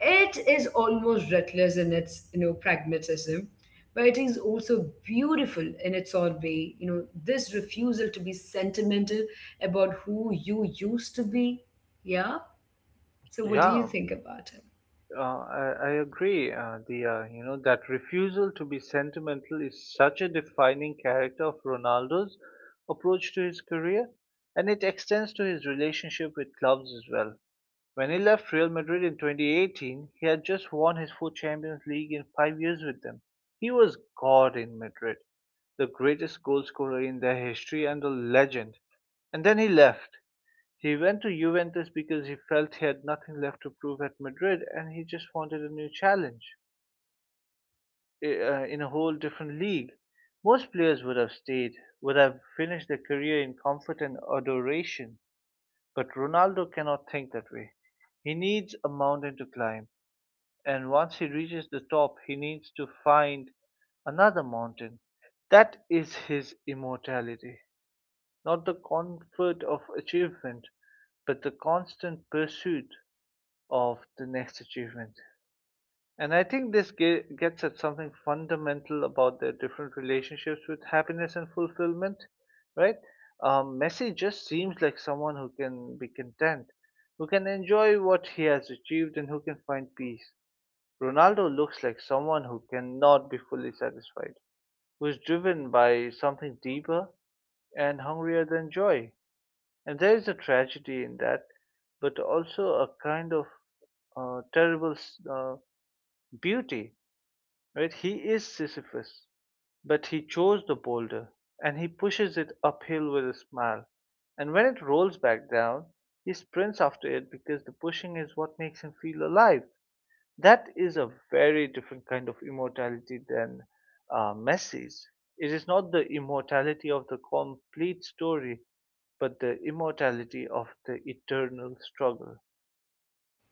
Speaker 1: It is almost reckless in its, you know, pragmatism, but it is also beautiful in its own way, you know, this refusal to be sentimental about who you used to be. Yeah. So what do you
Speaker 2: Yeah.
Speaker 1: think about it?
Speaker 2: Uh, I, I agree, uh, Dia. You know, that refusal to be sentimental is such a defining character of Ronaldo's approach to his career, and it extends to his relationship with clubs as well. When he left Real Madrid in twenty eighteen, he had just won his fourth Champions League in five years with them. He was God in Madrid, the greatest goalscorer in their history and a legend. And then he left. He went to Juventus because he felt he had nothing left to prove at Madrid, and he just wanted a new challenge eh, uh, in a whole different league. Most players would have stayed, would have finished their career in comfort and adoration, but Ronaldo cannot think that way. He needs a mountain to climb, and once he reaches the top, he needs to find another mountain. That is his immortality, not the comfort of achievement, but the constant pursuit of the next achievement. And I think this ge- gets at something fundamental about their different relationships with happiness and fulfillment, right? Um, Messi just seems like someone who can be content, who can enjoy what he has achieved, and who can find peace. Ronaldo looks like someone who cannot be fully satisfied, who is driven by something deeper and hungrier than joy. And there is a tragedy in that, but also a kind of uh, terrible s- uh, beauty, right? He is Sisyphus, but he chose the boulder and he pushes it uphill with a smile. And when it rolls back down, he sprints after it because the pushing is what makes him feel alive. That is a very different kind of immortality than uh, Messi's. It is not the immortality of the complete story, but the immortality of the eternal struggle.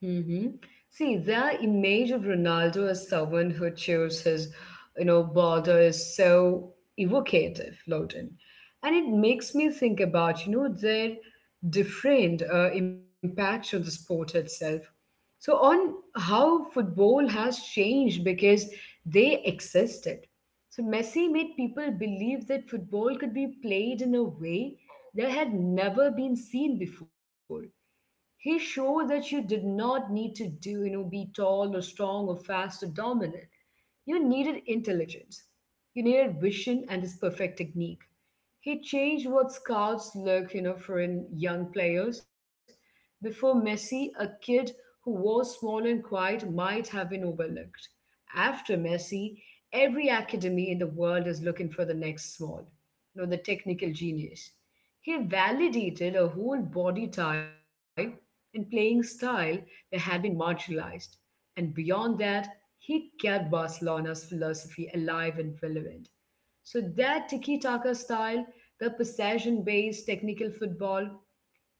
Speaker 1: Hmm. See, their image of Ronaldo as someone who chews his, you know, border is so evocative, Loden. And it makes me think about, you know, their different uh, impact on the sport itself. So on how football has changed because they existed. So Messi made people believe that football could be played in a way that had never been seen before. He showed that you did not need to do, you know, be tall or strong or fast or dominant. You needed intelligence. You needed vision and this perfect technique. He changed what scouts look, you know, for in young players. Before Messi, a kid who was small and quiet might have been overlooked. After Messi, every academy in the world is looking for the next small, you know, the technical genius. He validated a whole body type and playing style that had been marginalized. And beyond that, he kept Barcelona's philosophy alive and relevant. So that tiki taka style, the possession based technical football,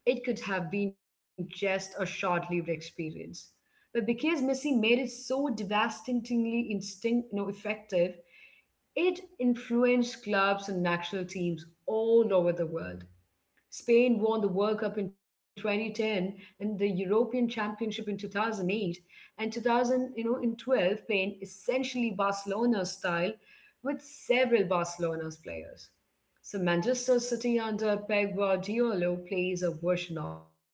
Speaker 1: it could have been just a short lived experience. But because Messi made it so devastatingly instinct, you know, effective, it influenced clubs and national teams all over the world. Spain won the World Cup in twenty ten and the European Championship in two thousand eight and two thousand, you know, in twelve playing essentially Barcelona style with several Barcelona's players. So Manchester City under Pep Guardiola plays a version of it.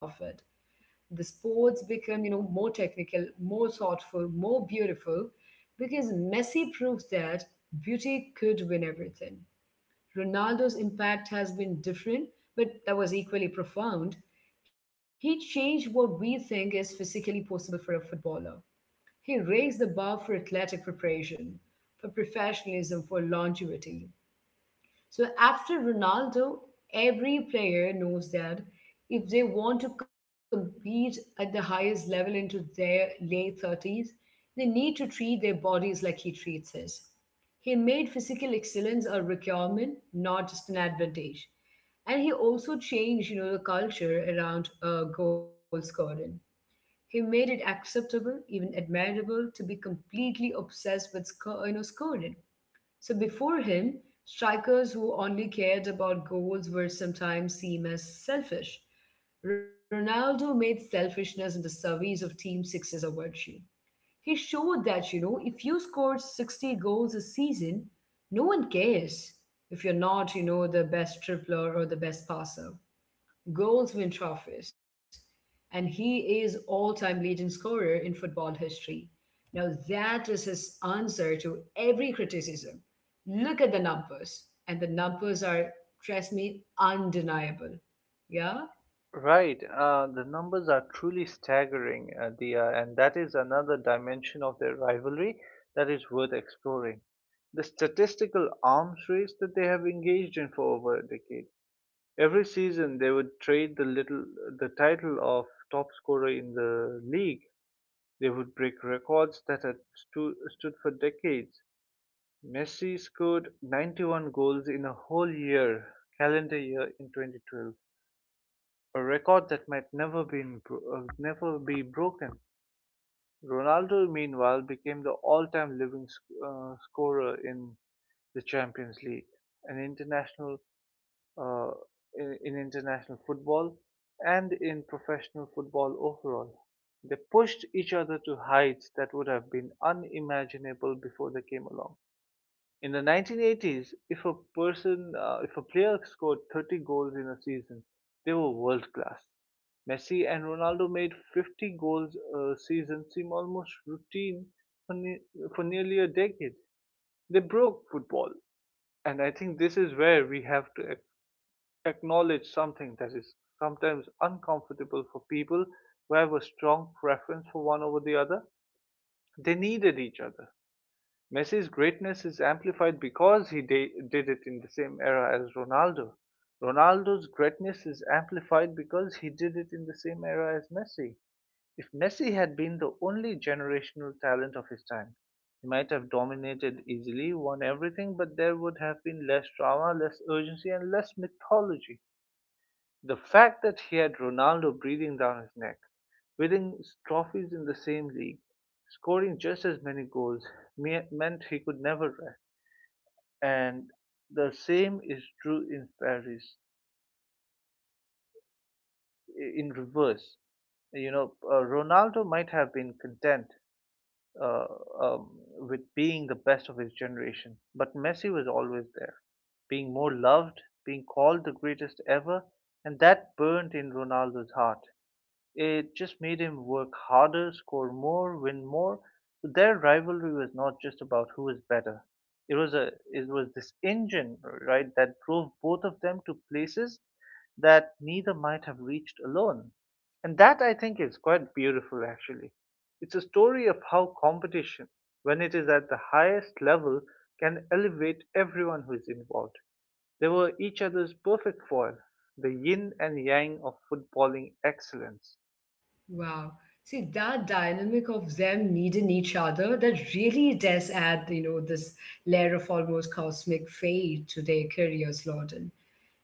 Speaker 1: The sports become, you know, more technical, more thoughtful, more beautiful because Messi proves that beauty could win everything. Ronaldo's impact has been different, but that was equally profound. He changed what we think is physically possible for a footballer. He raised the bar for athletic preparation, for professionalism, for longevity. So after Ronaldo, every player knows that if they want to compete at the highest level into their late thirties, they need to treat their bodies like he treats his. He made physical excellence a requirement, not just an advantage. And he also changed, you know, the culture around uh, goal scoring. He made it acceptable, even admirable, to be completely obsessed with sco- you know, scoring. So before him, strikers who only cared about goals were sometimes seen as selfish. Ronaldo made selfishness in the service of team success a virtue. He showed that, you know, if you scored sixty goals a season, no one cares if you're not, you know, the best tripler or the best passer. Goals win trophies, and he is all-time leading scorer in football history. Now that is his answer to every criticism. Look at the numbers, and the numbers are, trust me, undeniable. Yeah?
Speaker 2: Right. Uh, the numbers are truly staggering, uh, Dia, and that is another dimension of their rivalry that is worth exploring. The statistical arms race that they have engaged in for over a decade, every season they would trade the little the title of top scorer in the league. They would break records that had stu- stood for decades. Messi scored ninety-one goals in a whole year, calendar year, in twenty twelve, a record that might never be bro- uh, never be broken. Ronaldo, meanwhile, became the all-time living sc- uh, scorer in the Champions League, an international uh, in, in international football and in professional football overall. They pushed each other to heights that would have been unimaginable before they came along. In the nineteen eighties, if a person, uh, if a player scored thirty goals in a season, they were world class. Messi and Ronaldo made fifty goals a season seem almost routine for, ne- for nearly a decade. They broke football, and I think this is where we have to ac- acknowledge something that is sometimes uncomfortable for people who have a strong preference for one over the other. They needed each other. Messi's greatness is amplified because he da- did it in the same era as Ronaldo. Ronaldo's greatness is amplified because he did it in the same era as Messi. If Messi had been the only generational talent of his time, he might have dominated easily, won everything, but there would have been less drama, less urgency, and less mythology. The fact that he had Ronaldo breathing down his neck, winning trophies in the same league, scoring just as many goals, me- meant he could never rest. And the same is true in Paris, in reverse. You know, uh, Ronaldo might have been content uh, um, with being the best of his generation. But Messi was always there, being more loved, being called the greatest ever, and that burnt in Ronaldo's heart. It just made him work harder, score more, win more. So their rivalry was not just about who is better, it was a it was this engine, right, that drove both of them to places that neither might have reached alone. And that, I think, is quite beautiful actually. It's a story of how competition, when it is at the highest level, can elevate everyone who is involved. They were each other's perfect foil, the yin and yang of footballing excellence.
Speaker 1: Wow. See, that dynamic of them needing each other that really does add, you know, this layer of almost cosmic fate to their careers, Lorden.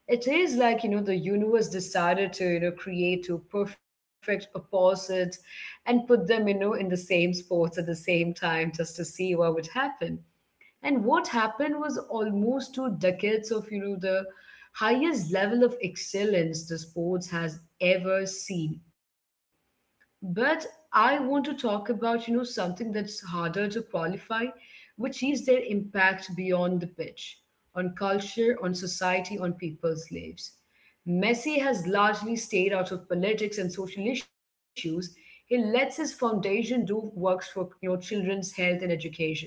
Speaker 1: It is like, you know, the universe decided to, you know, create two perfect opposites and put them, you know, in the same sports at the same time just to see what would happen. And what happened was almost two decades of, you know, the highest level of excellence the sports has ever seen. But I want to talk about, you know, something that's harder to qualify, which is their impact beyond the pitch on culture, on society, on people's lives. Messi has largely stayed out of politics and social issues. He lets his foundation do works for, you know, children's health and education.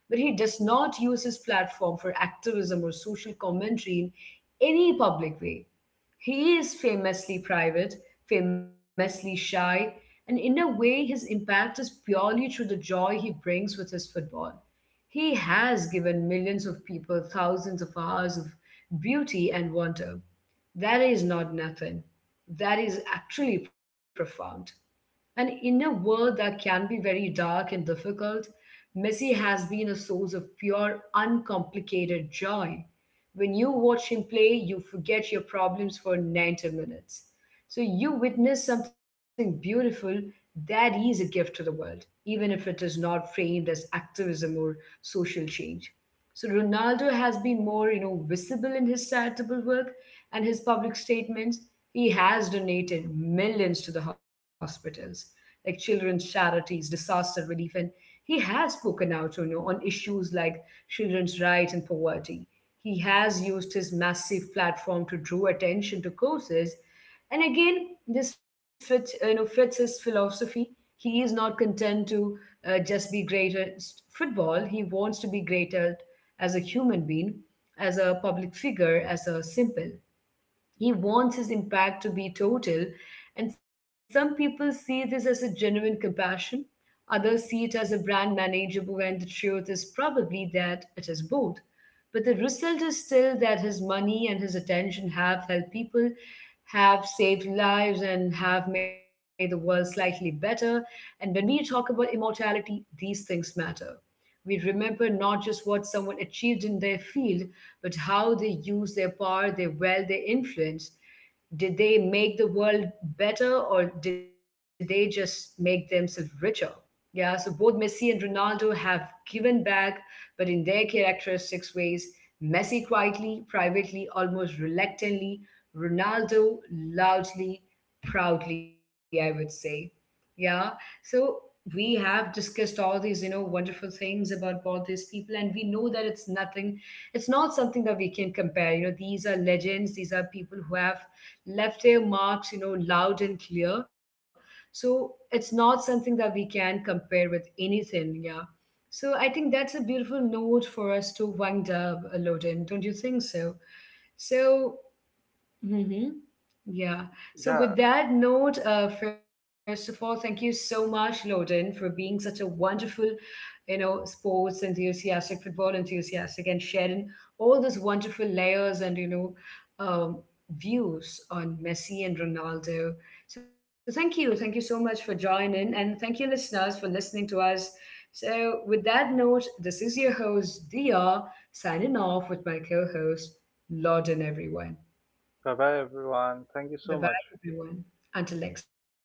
Speaker 1: But he does not use his platform for activism or social commentary in any public way. He is famously private, famously shy, and in a way, his impact is purely through the joy he brings with his football. He has given millions of people thousands of hours of beauty and wonder. That is not nothing. That is actually profound. And in a world that can be very dark and difficult, Messi has been a source of pure, uncomplicated joy. When you watch him play, you forget your problems for ninety minutes. So you witness something beautiful that is a gift to the world, even if it is not framed as activism or social change. So Ronaldo has been more, you know, visible in his charitable work and his public statements. He has donated millions to the hospitals, like children's charities, disaster relief, and he has spoken out, you know, on issues like children's rights and poverty. He has used his massive platform to draw attention to causes, and again, this fits, you know, fits his philosophy. He is not content to uh, just be great at s- football. He wants to be great at as a human being, as a public figure, as a simple. He wants his impact to be total, and some people see this as a genuine compassion. Others see it as a brand manageable, and the truth is probably that it is both. But the result is still that his money and his attention have helped people, have saved lives, and have made the world slightly better. And when we talk about immortality, these things matter. We remember not just what someone achieved in their field, but how they used their power, their wealth, their influence. Did they make the world better or did they just make themselves richer? Yeah, so both Messi and Ronaldo have given back, but in their characteristic ways. Messi quietly, privately, almost reluctantly. Ronaldo loudly, proudly, I would say. Yeah. So we have discussed all these, you know, wonderful things about both these people, and we know that it's nothing, it's not something that we can compare. You know, these are legends, these are people who have left their marks, you know, loud and clear. So it's not something that we can compare with anything, yeah. So I think that's a beautiful note for us to wind up a lot in, don't you think so? So. Mm-hmm. Yeah. So,
Speaker 2: Yeah,
Speaker 1: with that note, uh, first of all, thank you so much, Loden, for being such a wonderful, you know, sports enthusiastic, football enthusiastic, and sharing all those wonderful layers and, you know, um, views on Messi and Ronaldo. So, thank you. Thank you so much for joining. And thank you, listeners, for listening to us. So, with that note, this is your host, Dia, signing off with my co host, Loden, everyone.
Speaker 2: bye bye everyone. Thank you so
Speaker 1: Bye bye,
Speaker 2: much.
Speaker 1: everyone. Until next time.